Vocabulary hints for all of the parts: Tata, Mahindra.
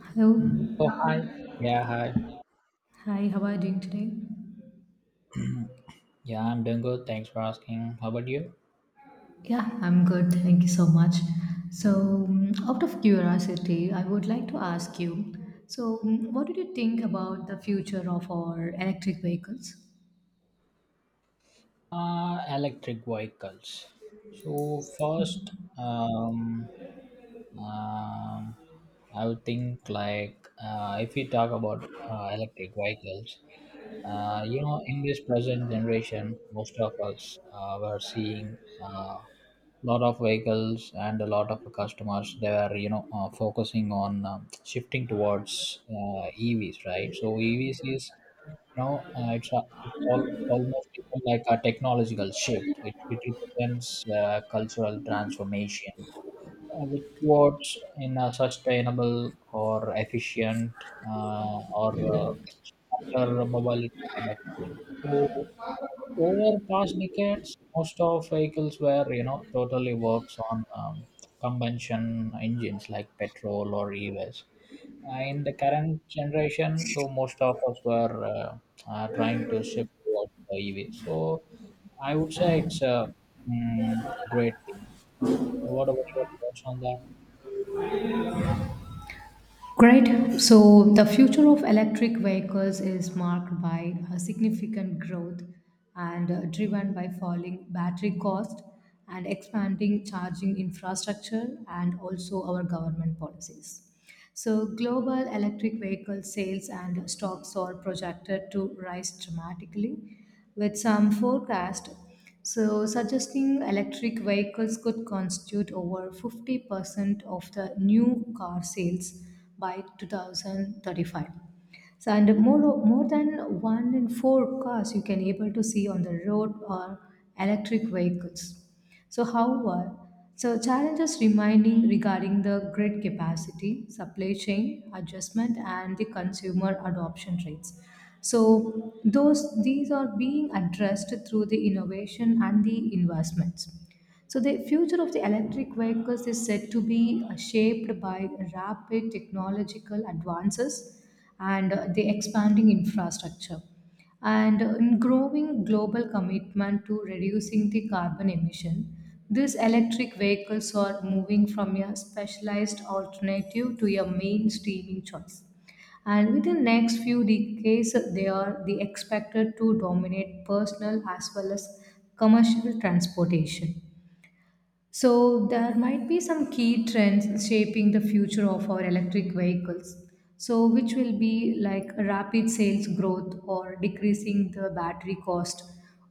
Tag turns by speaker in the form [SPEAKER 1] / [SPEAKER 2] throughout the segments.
[SPEAKER 1] Hello.
[SPEAKER 2] Oh, hi. Yeah, hi.
[SPEAKER 1] Hi, how are you doing today?
[SPEAKER 2] Yeah, I'm doing good. Thanks for asking. How about you?
[SPEAKER 1] Yeah, I'm good. Thank you so much. Out of curiosity, I would like to ask you what do you think about the future of our electric vehicles?
[SPEAKER 2] Electric vehicles. So first, um, I would think like, if we talk about electric vehicles. You know, in this present generation, most of us were seeing a lot of vehicles and a lot of customers. They were, you know, focusing on, shifting towards EVs, right? So EVs is, you know, it's, a, it's all, almost become like a technological shift. It represents cultural transformation, which towards in a sustainable or efficient or uh, after mobility kind of a thing. So over past decades, most of vehicles were, you know, totally works on combustion engines like petrol or EVs. In the current generation, so most of us were trying to shift towards EV. So I would say it's a great thing. What about your thoughts on that?
[SPEAKER 1] Great. So the future of electric vehicles is marked by a significant growth and driven by falling battery cost and expanding charging infrastructure and also our government policies. So global electric vehicle sales and stocks are projected to rise dramatically with some forecast so suggesting electric vehicles could constitute over 50% of the new car sales by 2035. So, and more, more than one in four cars you can able to see on the road are electric vehicles. So, however, so challenges remaining regarding the grid capacity, supply chain adjustment, and the consumer adoption rates. So, those these are being addressed through the innovation and the investments. So, the future of the electric vehicles is said to be shaped by rapid technological advances and the expanding infrastructure and in growing global commitment to reducing the carbon emission. These electric vehicles are moving from a specialized alternative to a mainstreaming choice, and within next few decades they are the expected to dominate personal as well as commercial transportation. So, there might be some key trends shaping the future of our electric vehicles. So, which will be like rapid sales growth or decreasing the battery cost,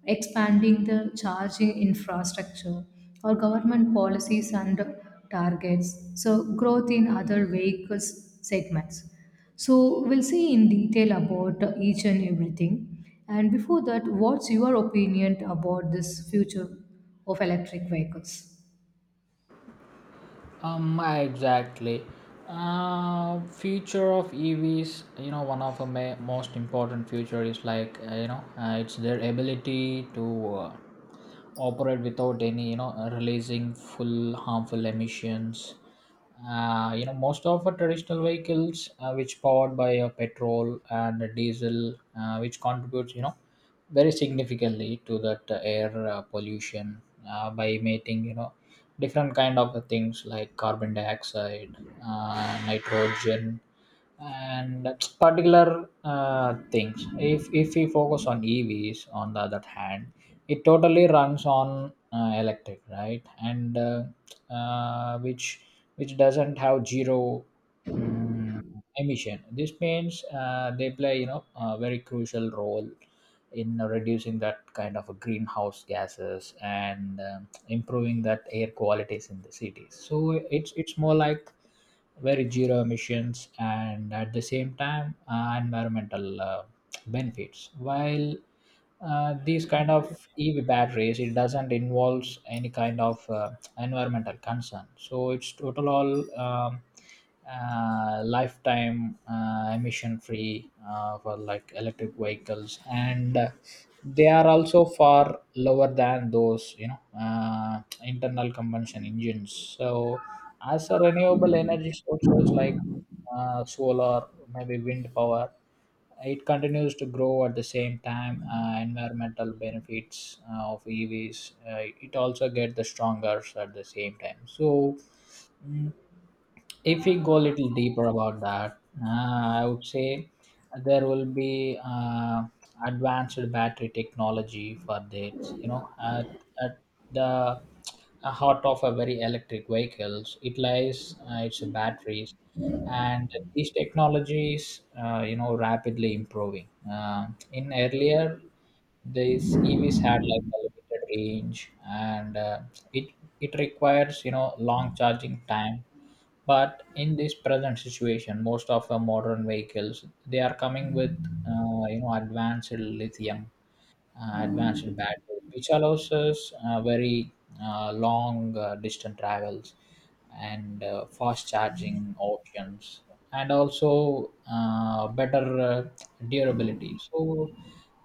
[SPEAKER 1] expanding the charging infrastructure, or government policies and targets. So, growth in other vehicles segments. So, we'll see in detail about each and everything. And before that, what's your opinion about this future of electric vehicles?
[SPEAKER 2] Exactly. Future of EVs, you know, one of the most important future is like, it's their ability to operate without any, you know, releasing full harmful emissions. You know, most of the traditional vehicles, which powered by petrol and diesel, which contributes, you know, very significantly to that air pollution, by emitting, you know, different kind of things like carbon dioxide, nitrogen, and particular things. If we focus on evs, on the other hand, it totally runs on electric, right? And uh, which which doesn't have zero mm, emission. This means they play, you know, a very crucial role in reducing that kind of greenhouse gases and improving that air qualities in the cities. So it's more like very zero emissions, and at the same time environmental benefits, while these kind of ev batteries, it doesn't involves any kind of environmental concern. So it's total all lifetime emission free for like electric vehicles, and they are also far lower than those, you know, internal combustion engines. So as a renewable energy sources like solar, maybe wind power, it continues to grow, at the same time environmental benefits of EVs. It also get the stronger at the same time. So, mm, if we go a little deeper about that, I would say there will be advanced battery technology for that. You know, at the heart of a very electric vehicles, it lies its batteries, and these technologies, you know, rapidly improving. In earlier, these EVs had like a limited range, and it it requires, you know, long charging time. But in this present situation, most of the modern vehicles, they are coming with you know advanced lithium, advanced batteries, which allows us very long distance travels and fast charging options, and also better durability. So,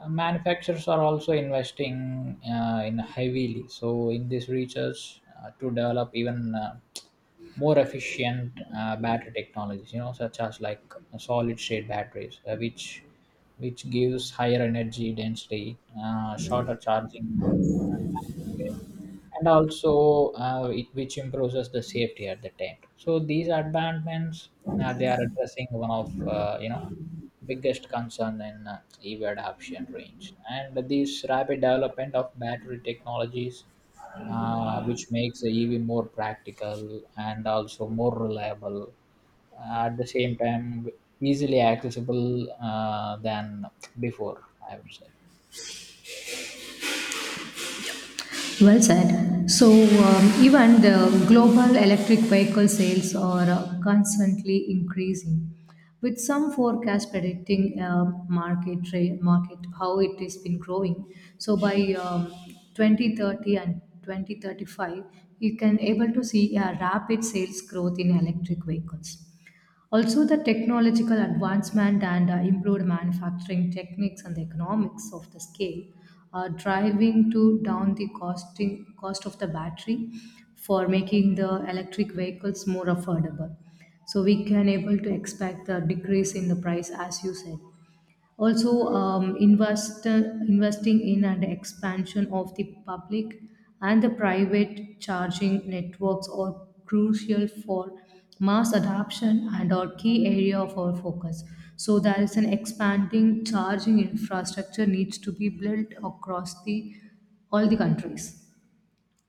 [SPEAKER 2] manufacturers are also investing in heavily. So, in this research to develop even more efficient battery technologies, you know, such as like solid state batteries, which gives higher energy density, shorter charging, and also which improves the safety at the time. So these advancements, they are addressing one of, you know, biggest concern in EV adoption range, and this rapid development of battery technologies. Which makes the EV more practical and also more reliable, at the same time easily accessible than before, I would say.
[SPEAKER 1] Well said. So, even the global electric vehicle sales are constantly increasing, with some forecast predicting market how it has been growing. So, by 2030 and 2035, you can able to see a rapid sales growth in electric vehicles. Also, the technological advancement and improved manufacturing techniques and the economics of the scale are driving to down the costing cost of the battery for making the electric vehicles more affordable. So we can able to expect the decrease in the price as you said. Also, investing in and expansion of the public and the private charging networks are crucial for mass adoption and our key area of our focus. So there is an expanding charging infrastructure needs to be built across the all the countries.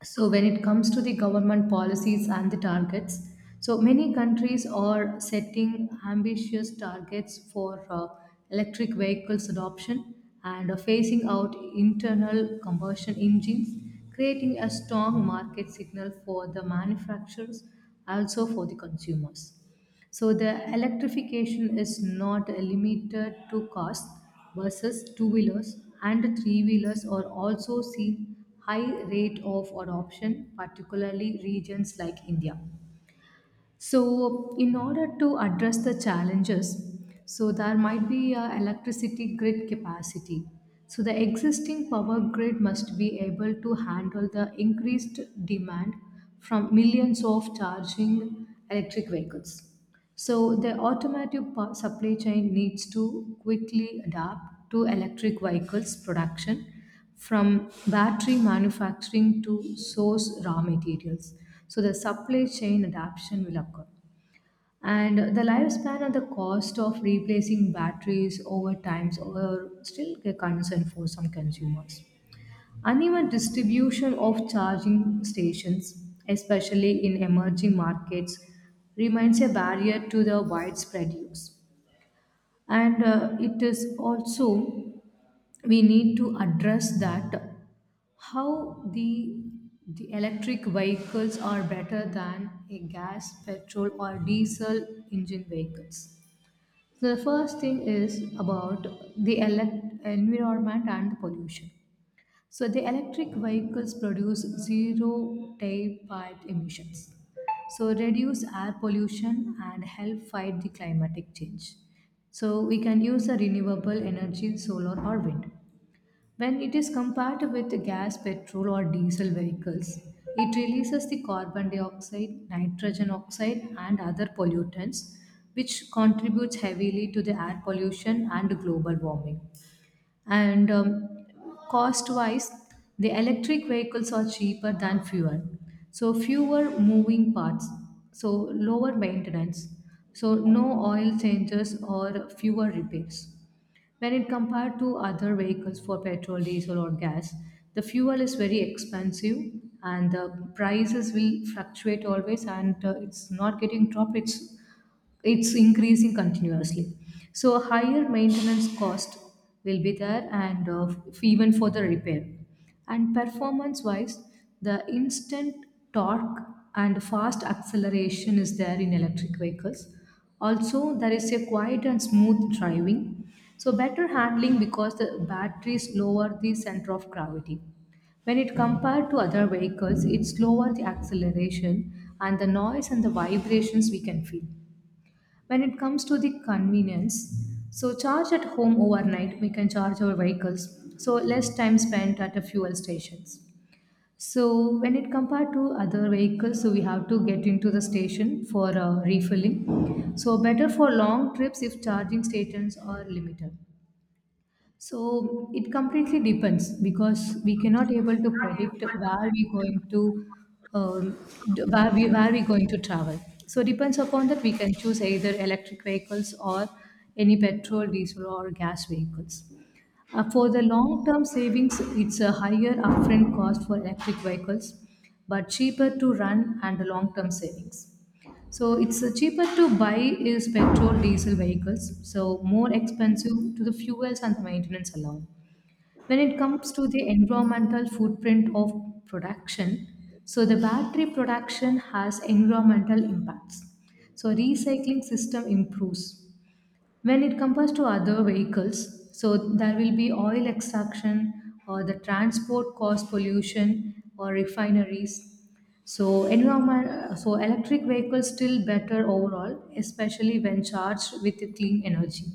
[SPEAKER 1] So, when it comes to the government policies and the targets, so many countries are setting ambitious targets for electric vehicles adoption and are phasing out internal combustion engines, creating a strong market signal for the manufacturers, also for the consumers. So the electrification is not limited to cars, buses, two-wheelers, and three-wheelers are also seeing high rate of adoption, particularly regions like India. So in order to address the challenges, so there might be a electricity grid capacity. So the existing power grid must be able to handle the increased demand from millions of charging electric vehicles. So the supply chain needs to quickly adapt to electric vehicles production from battery manufacturing to source raw materials. So the supply chain adaptation will occur and the lifespan and the cost of replacing batteries over times are still a concern for some consumers. Uneven distribution of charging stations, especially in emerging markets, remains a barrier to the widespread use. And it is also we need to address that how the electric vehicles are better than a gas, petrol, or diesel engine vehicles. So, the first thing is about the environment and the pollution. So the electric vehicles produce zero tailpipe emissions. So reduce air pollution and help fight the climatic change. So we can use a renewable energy, solar or wind. When it is compared with gas, petrol, or diesel vehicles, it releases the carbon dioxide, nitrogen oxide, and other pollutants, which contributes heavily to the air pollution and global warming. And cost wise, the electric vehicles are cheaper than fuel, so fewer moving parts, so lower maintenance, so no oil changes or fewer repairs. When it compared to other vehicles for petrol diesel or gas, the fuel is very expensive, and the prices will fluctuate always and it's not getting dropped, it's increasing continuously. So higher maintenance cost will be there and even for the repair. And performance wise, the instant torque and fast acceleration is there in electric vehicles. Also, there is a quiet and smooth driving. So better handling because the batteries lower the center of gravity. When it compared to other vehicles, it's lower the acceleration and the noise and the vibrations we can feel. When it comes to the convenience, so charge at home overnight, we can charge our vehicles, so less time spent at the fuel stations. So when it compared to other vehicles, so we have to get into the station for refilling. So better for long trips if charging stations are limited. So it completely depends because we cannot able to predict where we going to um, where we going to travel. So depends upon that we can choose either electric vehicles or any petrol, diesel or gas vehicles. For the long term savings, it's a higher upfront cost for electric vehicles, but cheaper to run and the long term savings. So it's cheaper to buy is petrol diesel vehicles, so more expensive to the fuels and the maintenance alone. When it comes to the environmental footprint of production, so the battery production has environmental impacts. So recycling system improves. When it compares to other vehicles, so there will be oil extraction or the transport cost pollution or refineries. So environment, so electric vehicles still better overall, especially when charged with clean energy.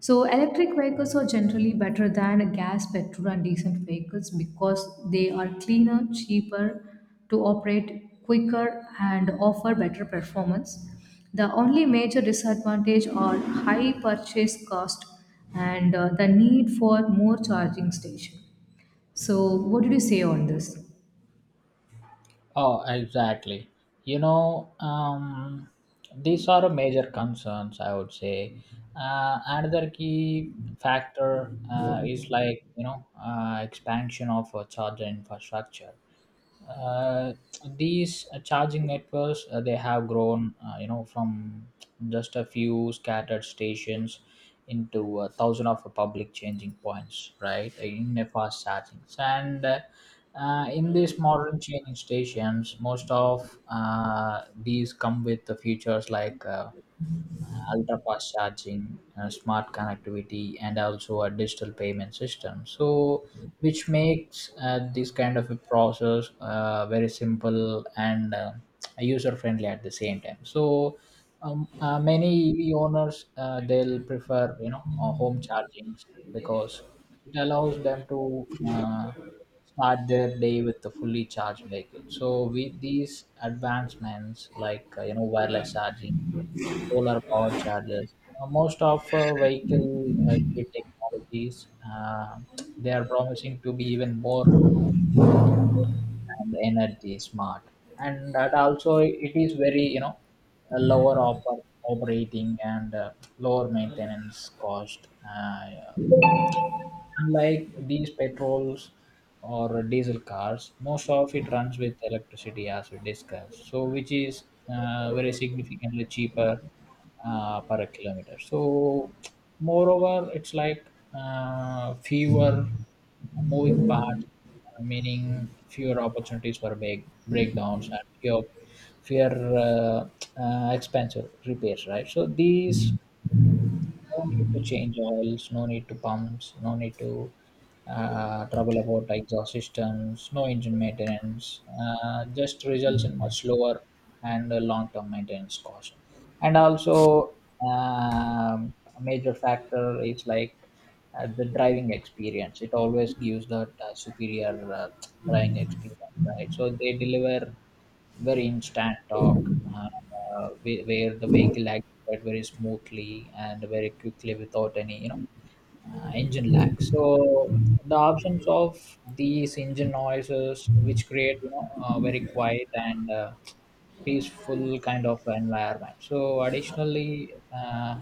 [SPEAKER 1] So electric vehicles are generally better than gas, petrol, and diesel vehicles because they are cleaner, cheaper to operate, quicker, and offer better performance. The only major disadvantage are high purchase cost and the need for more charging station. So what did you say on this?
[SPEAKER 2] Oh, exactly. You know, these are major concerns, I would say. Another key factor is like, you know, expansion of charger infrastructure. uh, these charging networks, they have grown, you know, from just a few scattered stations into a thousand of public changing points, right? In a fast charging, and in these modern changing stations, most of these come with the features like ultra fast charging, smart connectivity, and also a digital payment system. So, which makes this kind of a process very simple and user friendly at the same time. So, many EV owners, they'll prefer, you know, home chargings, because it allows them to start their day with the fully charged vehicle. So, with these advancements like you know wireless charging, solar power chargers. Most of vehicle grid technologies, uh, they are promising to be even more and energy smart. And that also, it is very, you know, a lower operating and lower maintenance cost. Unlike these petrols or diesel cars, most of it runs with electricity, as we discussed. So, which is very significantly cheaper per kilometer. So, moreover, it's like fewer moving parts, meaning fewer opportunities for breakdowns, and fewer expensive repairs. Right. So these, no need to change oils, no need to pumps, no need to trouble about exhaust systems, no engine maintenance. Just results in much lower and long-term maintenance cost. And also, a major factor is like the driving experience. It always gives that superior driving experience, right? So they deliver very instant torque, where the vehicle that very smoothly and very quickly without any, you know, engine lag. So the absence of these engine noises, which create, you know, a very quiet and peaceful kind of environment. So additionally,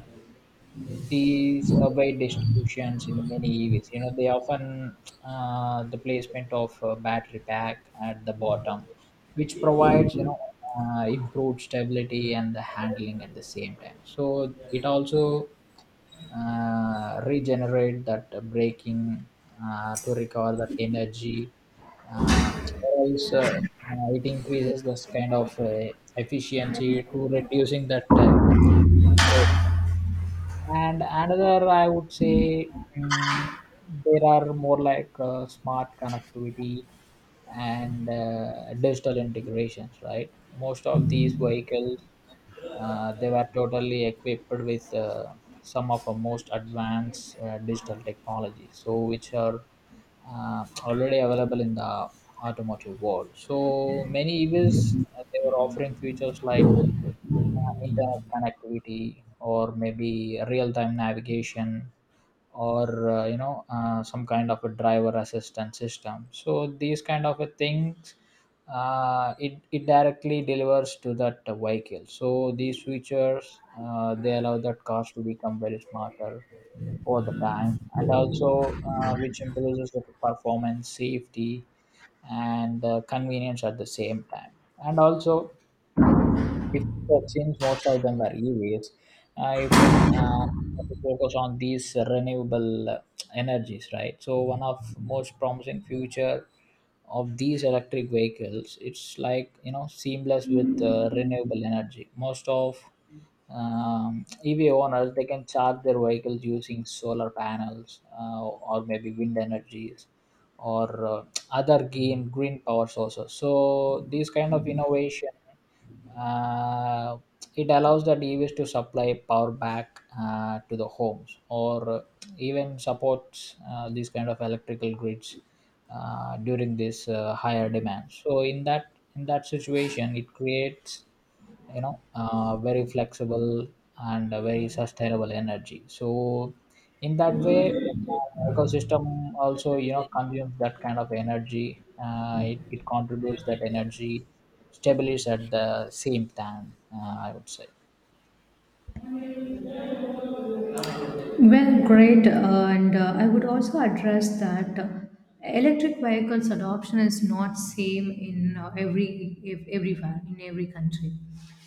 [SPEAKER 2] these weight distributions in the many EVs. You know, they often, the placement of a battery pack at the bottom, which provides, you know, improved stability and the handling at the same time. So it also regenerate that braking to recover that energy. Or It increases this kind of efficiency to reducing that. And another, I would say, mm, there are more like smart connectivity and digital integrations, right? Most of these vehicles, they were totally equipped with some of our most advanced digital technologies, so which are already available in the automotive world. So many EVs, they were offering features like internet connectivity or maybe real-time navigation, or some kind of a driver assistance system. So these kind of a things, it directly delivers to that vehicle. So these features, they allow that cars to become very smarter over the time, and also which improves the performance safety and convenience at the same time. And also, if people, since most of them are EVs, if you focus on these renewable energies, right? So one of most promising future of these electric vehicles, it's like, you know, seamless with renewable energy. Most of EV owners, they can charge their vehicles using solar panels, or maybe wind energies, or other green power sources. So these kind of innovation, uh, it allows the device to supply power back to the homes, or even supports these kind of electrical grids during this higher demand. So in that situation, it creates, you know, very flexible and a very sustainable energy. So in that way, ecosystem also, you know, consumes that kind of energy. It contributes that energy established at the same time, I would say.
[SPEAKER 1] Well, great. And I would also address that electric vehicles adoption is not same in everywhere in every country.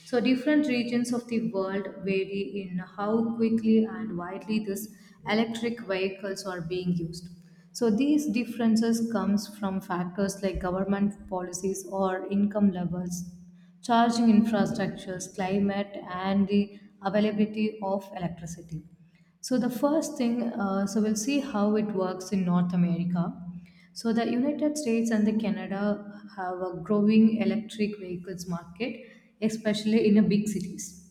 [SPEAKER 1] So different regions of the world vary in how quickly and widely these electric vehicles are being used. So these differences comes from factors like government policies or income levels, charging infrastructures, climate, and the availability of electricity. So the first thing, so we'll see how it works in North America. So the United States and the Canada have a growing electric vehicles market, especially in the big cities.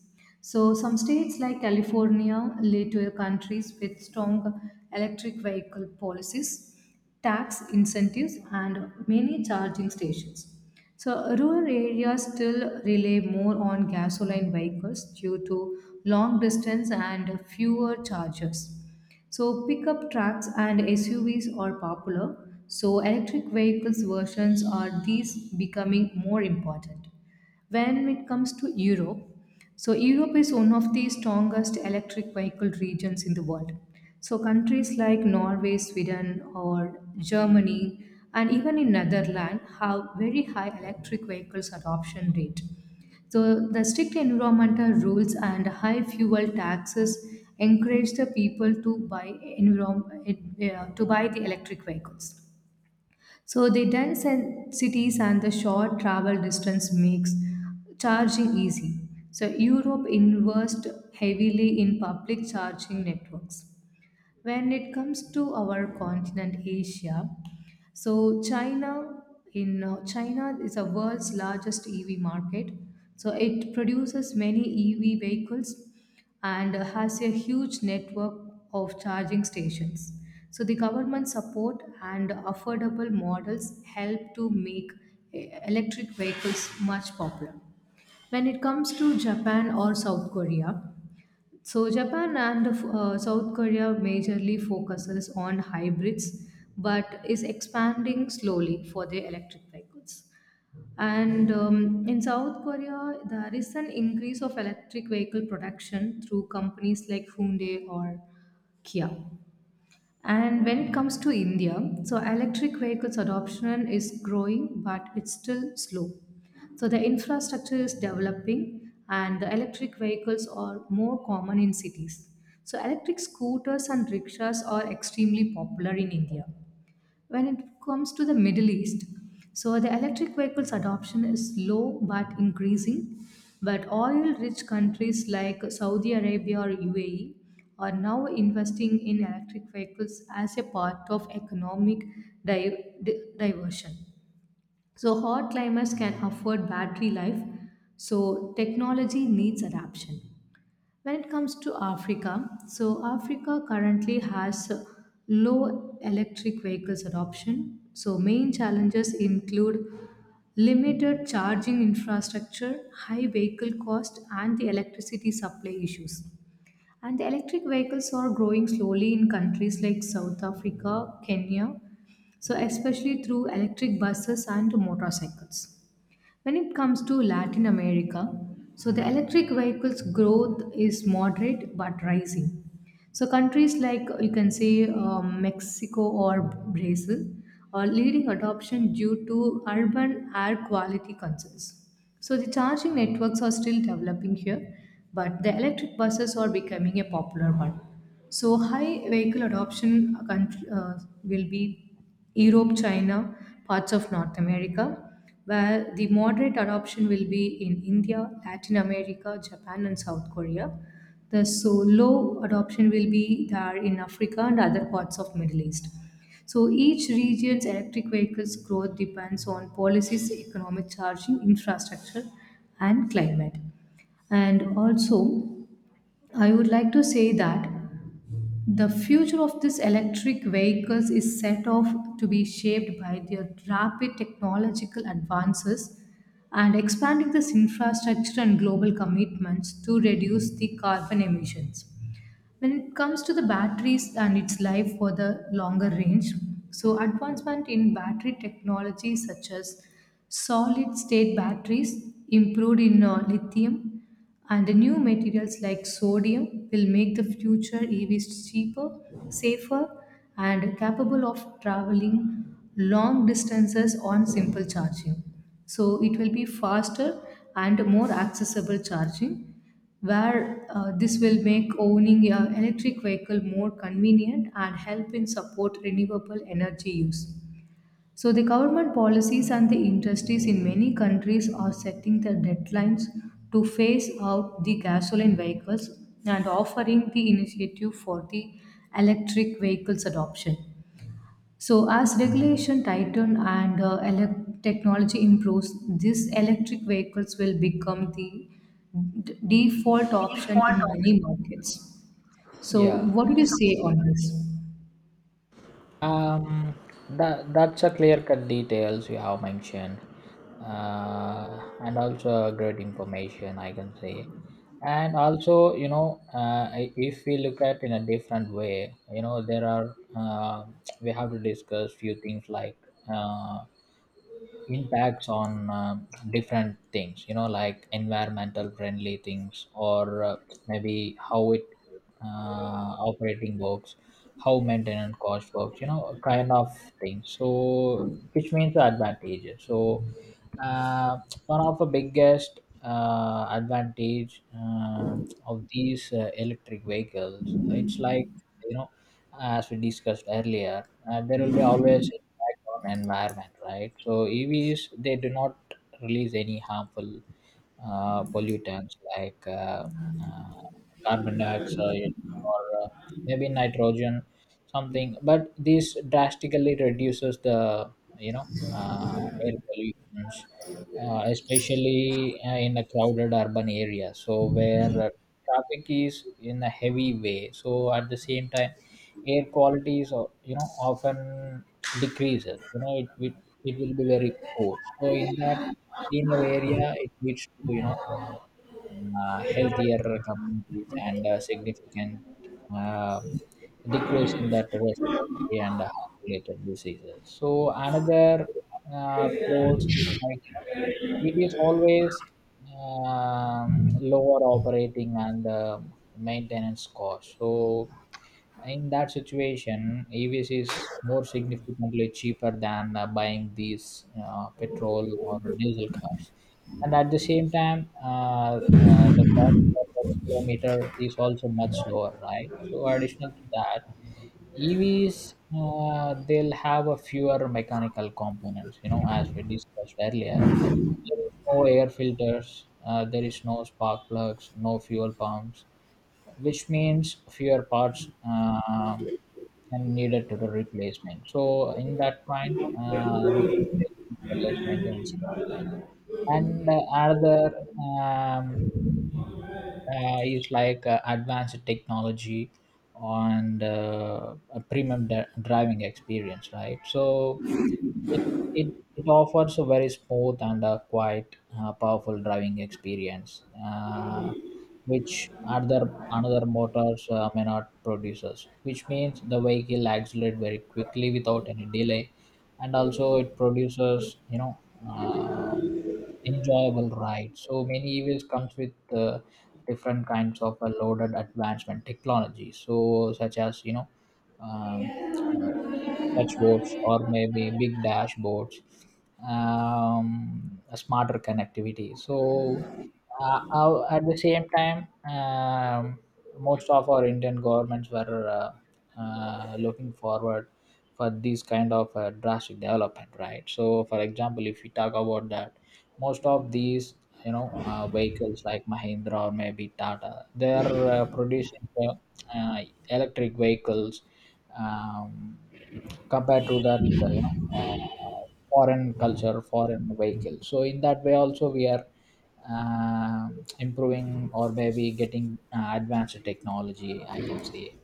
[SPEAKER 1] So, some states like California led to countries with strong electric vehicle policies, tax incentives, and many charging stations. So, rural areas still rely more on gasoline vehicles due to long distance and fewer chargers. So, pickup trucks and SUVs are popular. So, electric vehicles versions are these becoming more important. When it comes to Europe, so Europe is one of the strongest electric vehicle regions in the world. So countries like Norway, Sweden, or Germany, and even in Netherlands have very high electric vehicles adoption rate. So the strict environmental rules and high fuel taxes encourage the people to buy to buy the electric vehicles. So the dense and cities and the short travel distance makes charging easy. So Europe invests heavily in public charging networks. When it comes to our continent Asia, so China, in China is the world's largest EV market, so it produces many EV vehicles and has a huge network of charging stations. So the government support and affordable models help to make electric vehicles much popular. When it comes to Japan or South Korea, so Japan and South Korea majorly focuses on hybrids but is expanding slowly for their electric vehicles. And in South Korea, there is an increase of electric vehicle production through companies like Hyundai or Kia. And when it comes to India, so electric vehicles adoption is growing, but it's still slow. So the infrastructure is developing, and the electric vehicles are more common in cities. So electric scooters and rickshaws are extremely popular in India. When it comes to the Middle East, so the electric vehicles adoption is low but increasing. But oil rich countries like Saudi Arabia or UAE are now investing in electric vehicles as a part of economic diversion. So, hot climates can afford battery life, so technology needs adaptation. When it comes to Africa, so Africa currently has low electric vehicles adoption. So main challenges include limited charging infrastructure, high vehicle cost, and the electricity supply issues. And the electric vehicles are growing slowly in countries like South Africa, Kenya, so especially through electric buses and motorcycles. When it comes to Latin America, so the electric vehicles growth is moderate but rising. So countries like you can say Mexico or Brazil are leading adoption due to urban air quality concerns. So the charging networks are still developing here, but the electric buses are becoming a popular one. So high vehicle adoption country, will be Europe, China, parts of North America, where the moderate adoption will be in India, Latin America, Japan, and South Korea. The so low adoption will be there in Africa and other parts of Middle East. So each region's electric vehicles growth depends on policies, economic charging, infrastructure, and climate. And also, I would like to say that the future of these electric vehicles is set off to be shaped by their rapid technological advances and expanding this infrastructure and global commitments to reduce the carbon emissions when it comes to the batteries and its life for the longer range, so advancement in battery technology such as solid state batteries, improved in lithium, and the new materials like sodium will make the future EVs cheaper, safer, and capable of traveling long distances on simple charging. So it will be faster and more accessible charging, where this will make owning an electric vehicle more convenient and help in support renewable energy use. So the government policies and the industries in many countries are setting the deadlines to phase out the gasoline vehicles and offering the initiative for the electric vehicles adoption. So, as regulation tighten and technology improves, these electric vehicles will become the default option in many markets. So,
[SPEAKER 2] Yeah.
[SPEAKER 1] what do you say on this?
[SPEAKER 2] Um, that's a clear cut details you have mentioned, and also a great information I can say. And also, you know, if we look at in a different way, you know there are, we have to discuss few things like. Uh, Impacts on different things, you know, like environmental friendly things, or maybe how it operating works, how maintenance cost works, you know, kind of thing. So which means the advantages. So uh, one of the biggest advantage of these electric vehicles, it's like, you know, as we discussed earlier, there will be always impact on environment, right? So EVs, they do not release any harmful pollutants like uh, carbon dioxide, or maybe nitrogen something, but this drastically reduces the, you know, air pollutions, especially in a crowded urban area, so where traffic is in a heavy way, so at the same time air quality is, you know, often decreases, you know, it will be very poor. So in that cleaner area, it leads to, you know, healthier communities and significant um decrease in that respiratory and heart-related diseases. So another pros is like, you know, it is always um, lower operating and maintenance cost. So in that situation, EVs is more significantly cheaper than buying these petrol or diesel cars. And at the same time, the cost per kilometer is also much lower, right? So, additional to that, EVs, they'll have a fewer mechanical components. You know, as we discussed earlier, there is no air filters, there is no spark plugs, no fuel pumps, which means fewer parts, and needed to the replacement. So in that point, we can say it's a less maintenance cost. And another um, is like advanced technology and a premium driving experience, right? So it it offers a very smooth and a quite powerful driving experience, which other another motors may not produces. Which means the vehicle accelerates very quickly without any delay, and also it produces, you know, um, enjoyable ride. So many EVs comes with different kinds of loaded advancement technology. So such as you know. Um, uh, Touchboards or maybe big dashboards, a smarter connectivity. So at the same time, most of our Indian governments were uh, looking forward for these kind of drastic development, right? So for example, if we talk about that, most of these, you know, vehicles like Mahindra or maybe Tata, they are producing electric vehicles, um, compared to that, foreign culture foreign vehicle. So in that way also we are improving, or maybe getting advanced technology, I can say.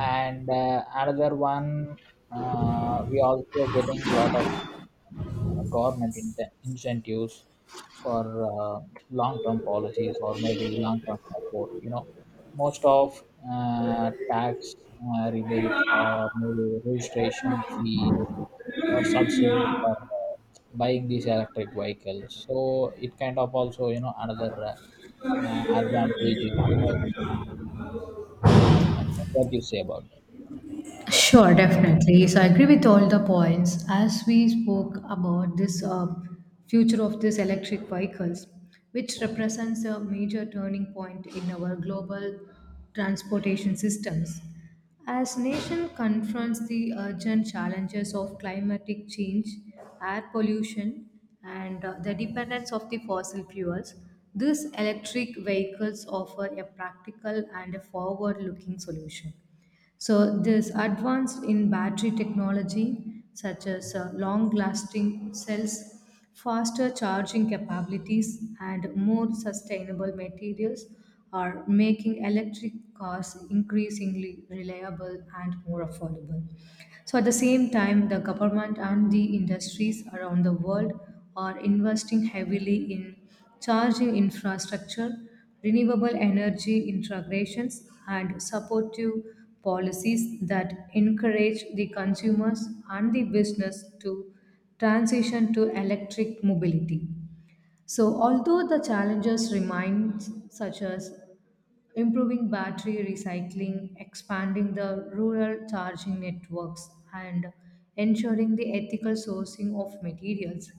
[SPEAKER 2] And another one, we also getting lot of government incentives for long-term policies or maybe long-term support. You know, most of tax rebates or maybe registration fees or subsidies for buying these electric vehicles. So it kind of also, you know, another advantages, I would say. Uh, what do you say about that?
[SPEAKER 1] Sure, definitely. So I agree with all the points. As we spoke about this future of this electric vehicles, which represents a major turning point in our global transportation systems. As nation confronts the urgent challenges of climatic change, air pollution, and the dependence of the fossil fuels, these electric vehicles offer a practical and a forward-looking solution. So, this advance in battery technology, such as long lasting cells, faster charging capabilities, and more sustainable materials, are making electric cars increasingly reliable and more affordable. So, at the same time, the government and the industries around the world are investing heavily in charging infrastructure, renewable energy integrations, and supportive policies that encourage the consumers and the business to transition to electric mobility. So, although the challenges remain, such as improving battery recycling, expanding the rural charging networks, and ensuring the ethical sourcing of materials.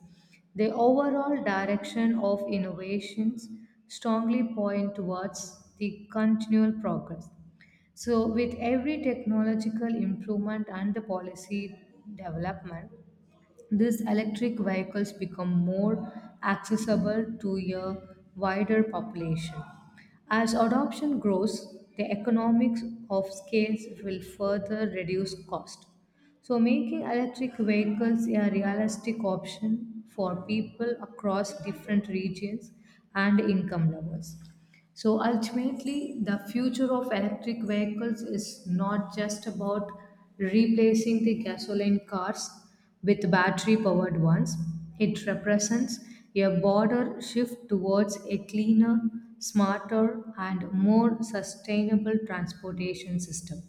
[SPEAKER 1] The overall direction of innovations strongly point towards the continual progress. So, with every technological improvement and the policy development, these electric vehicles become more accessible to a wider population. As adoption grows, the economics of scales will further reduce cost. So, making electric vehicles a realistic option for people across different regions and income levels. So, ultimately, the future of electric vehicles is not just about replacing the gasoline cars, with battery powered ones. It represents a broader shift towards a cleaner, smarter, and more sustainable transportation system.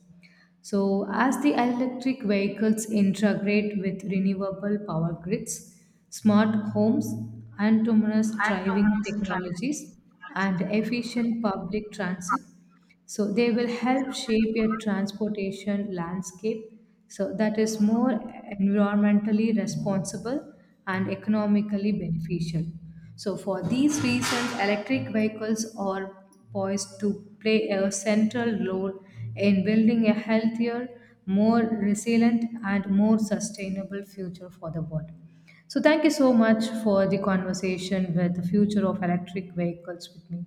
[SPEAKER 1] So, as the electric vehicles integrate with renewable power grids, smart homes, autonomous driving technologies, and efficient public transit, so they will help shape a transportation landscape so that is more environmentally responsible and economically beneficial. So for these reasons, electric vehicles are poised to play a central role in building a healthier, more resilient, and more sustainable future for the world. So, thank you so much for the conversation with the future of electric vehicles with me.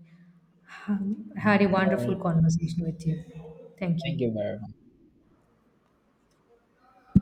[SPEAKER 1] Had a
[SPEAKER 2] All
[SPEAKER 1] wonderful
[SPEAKER 2] right.
[SPEAKER 1] conversation with you. Thank you.
[SPEAKER 2] Thank you, Bear.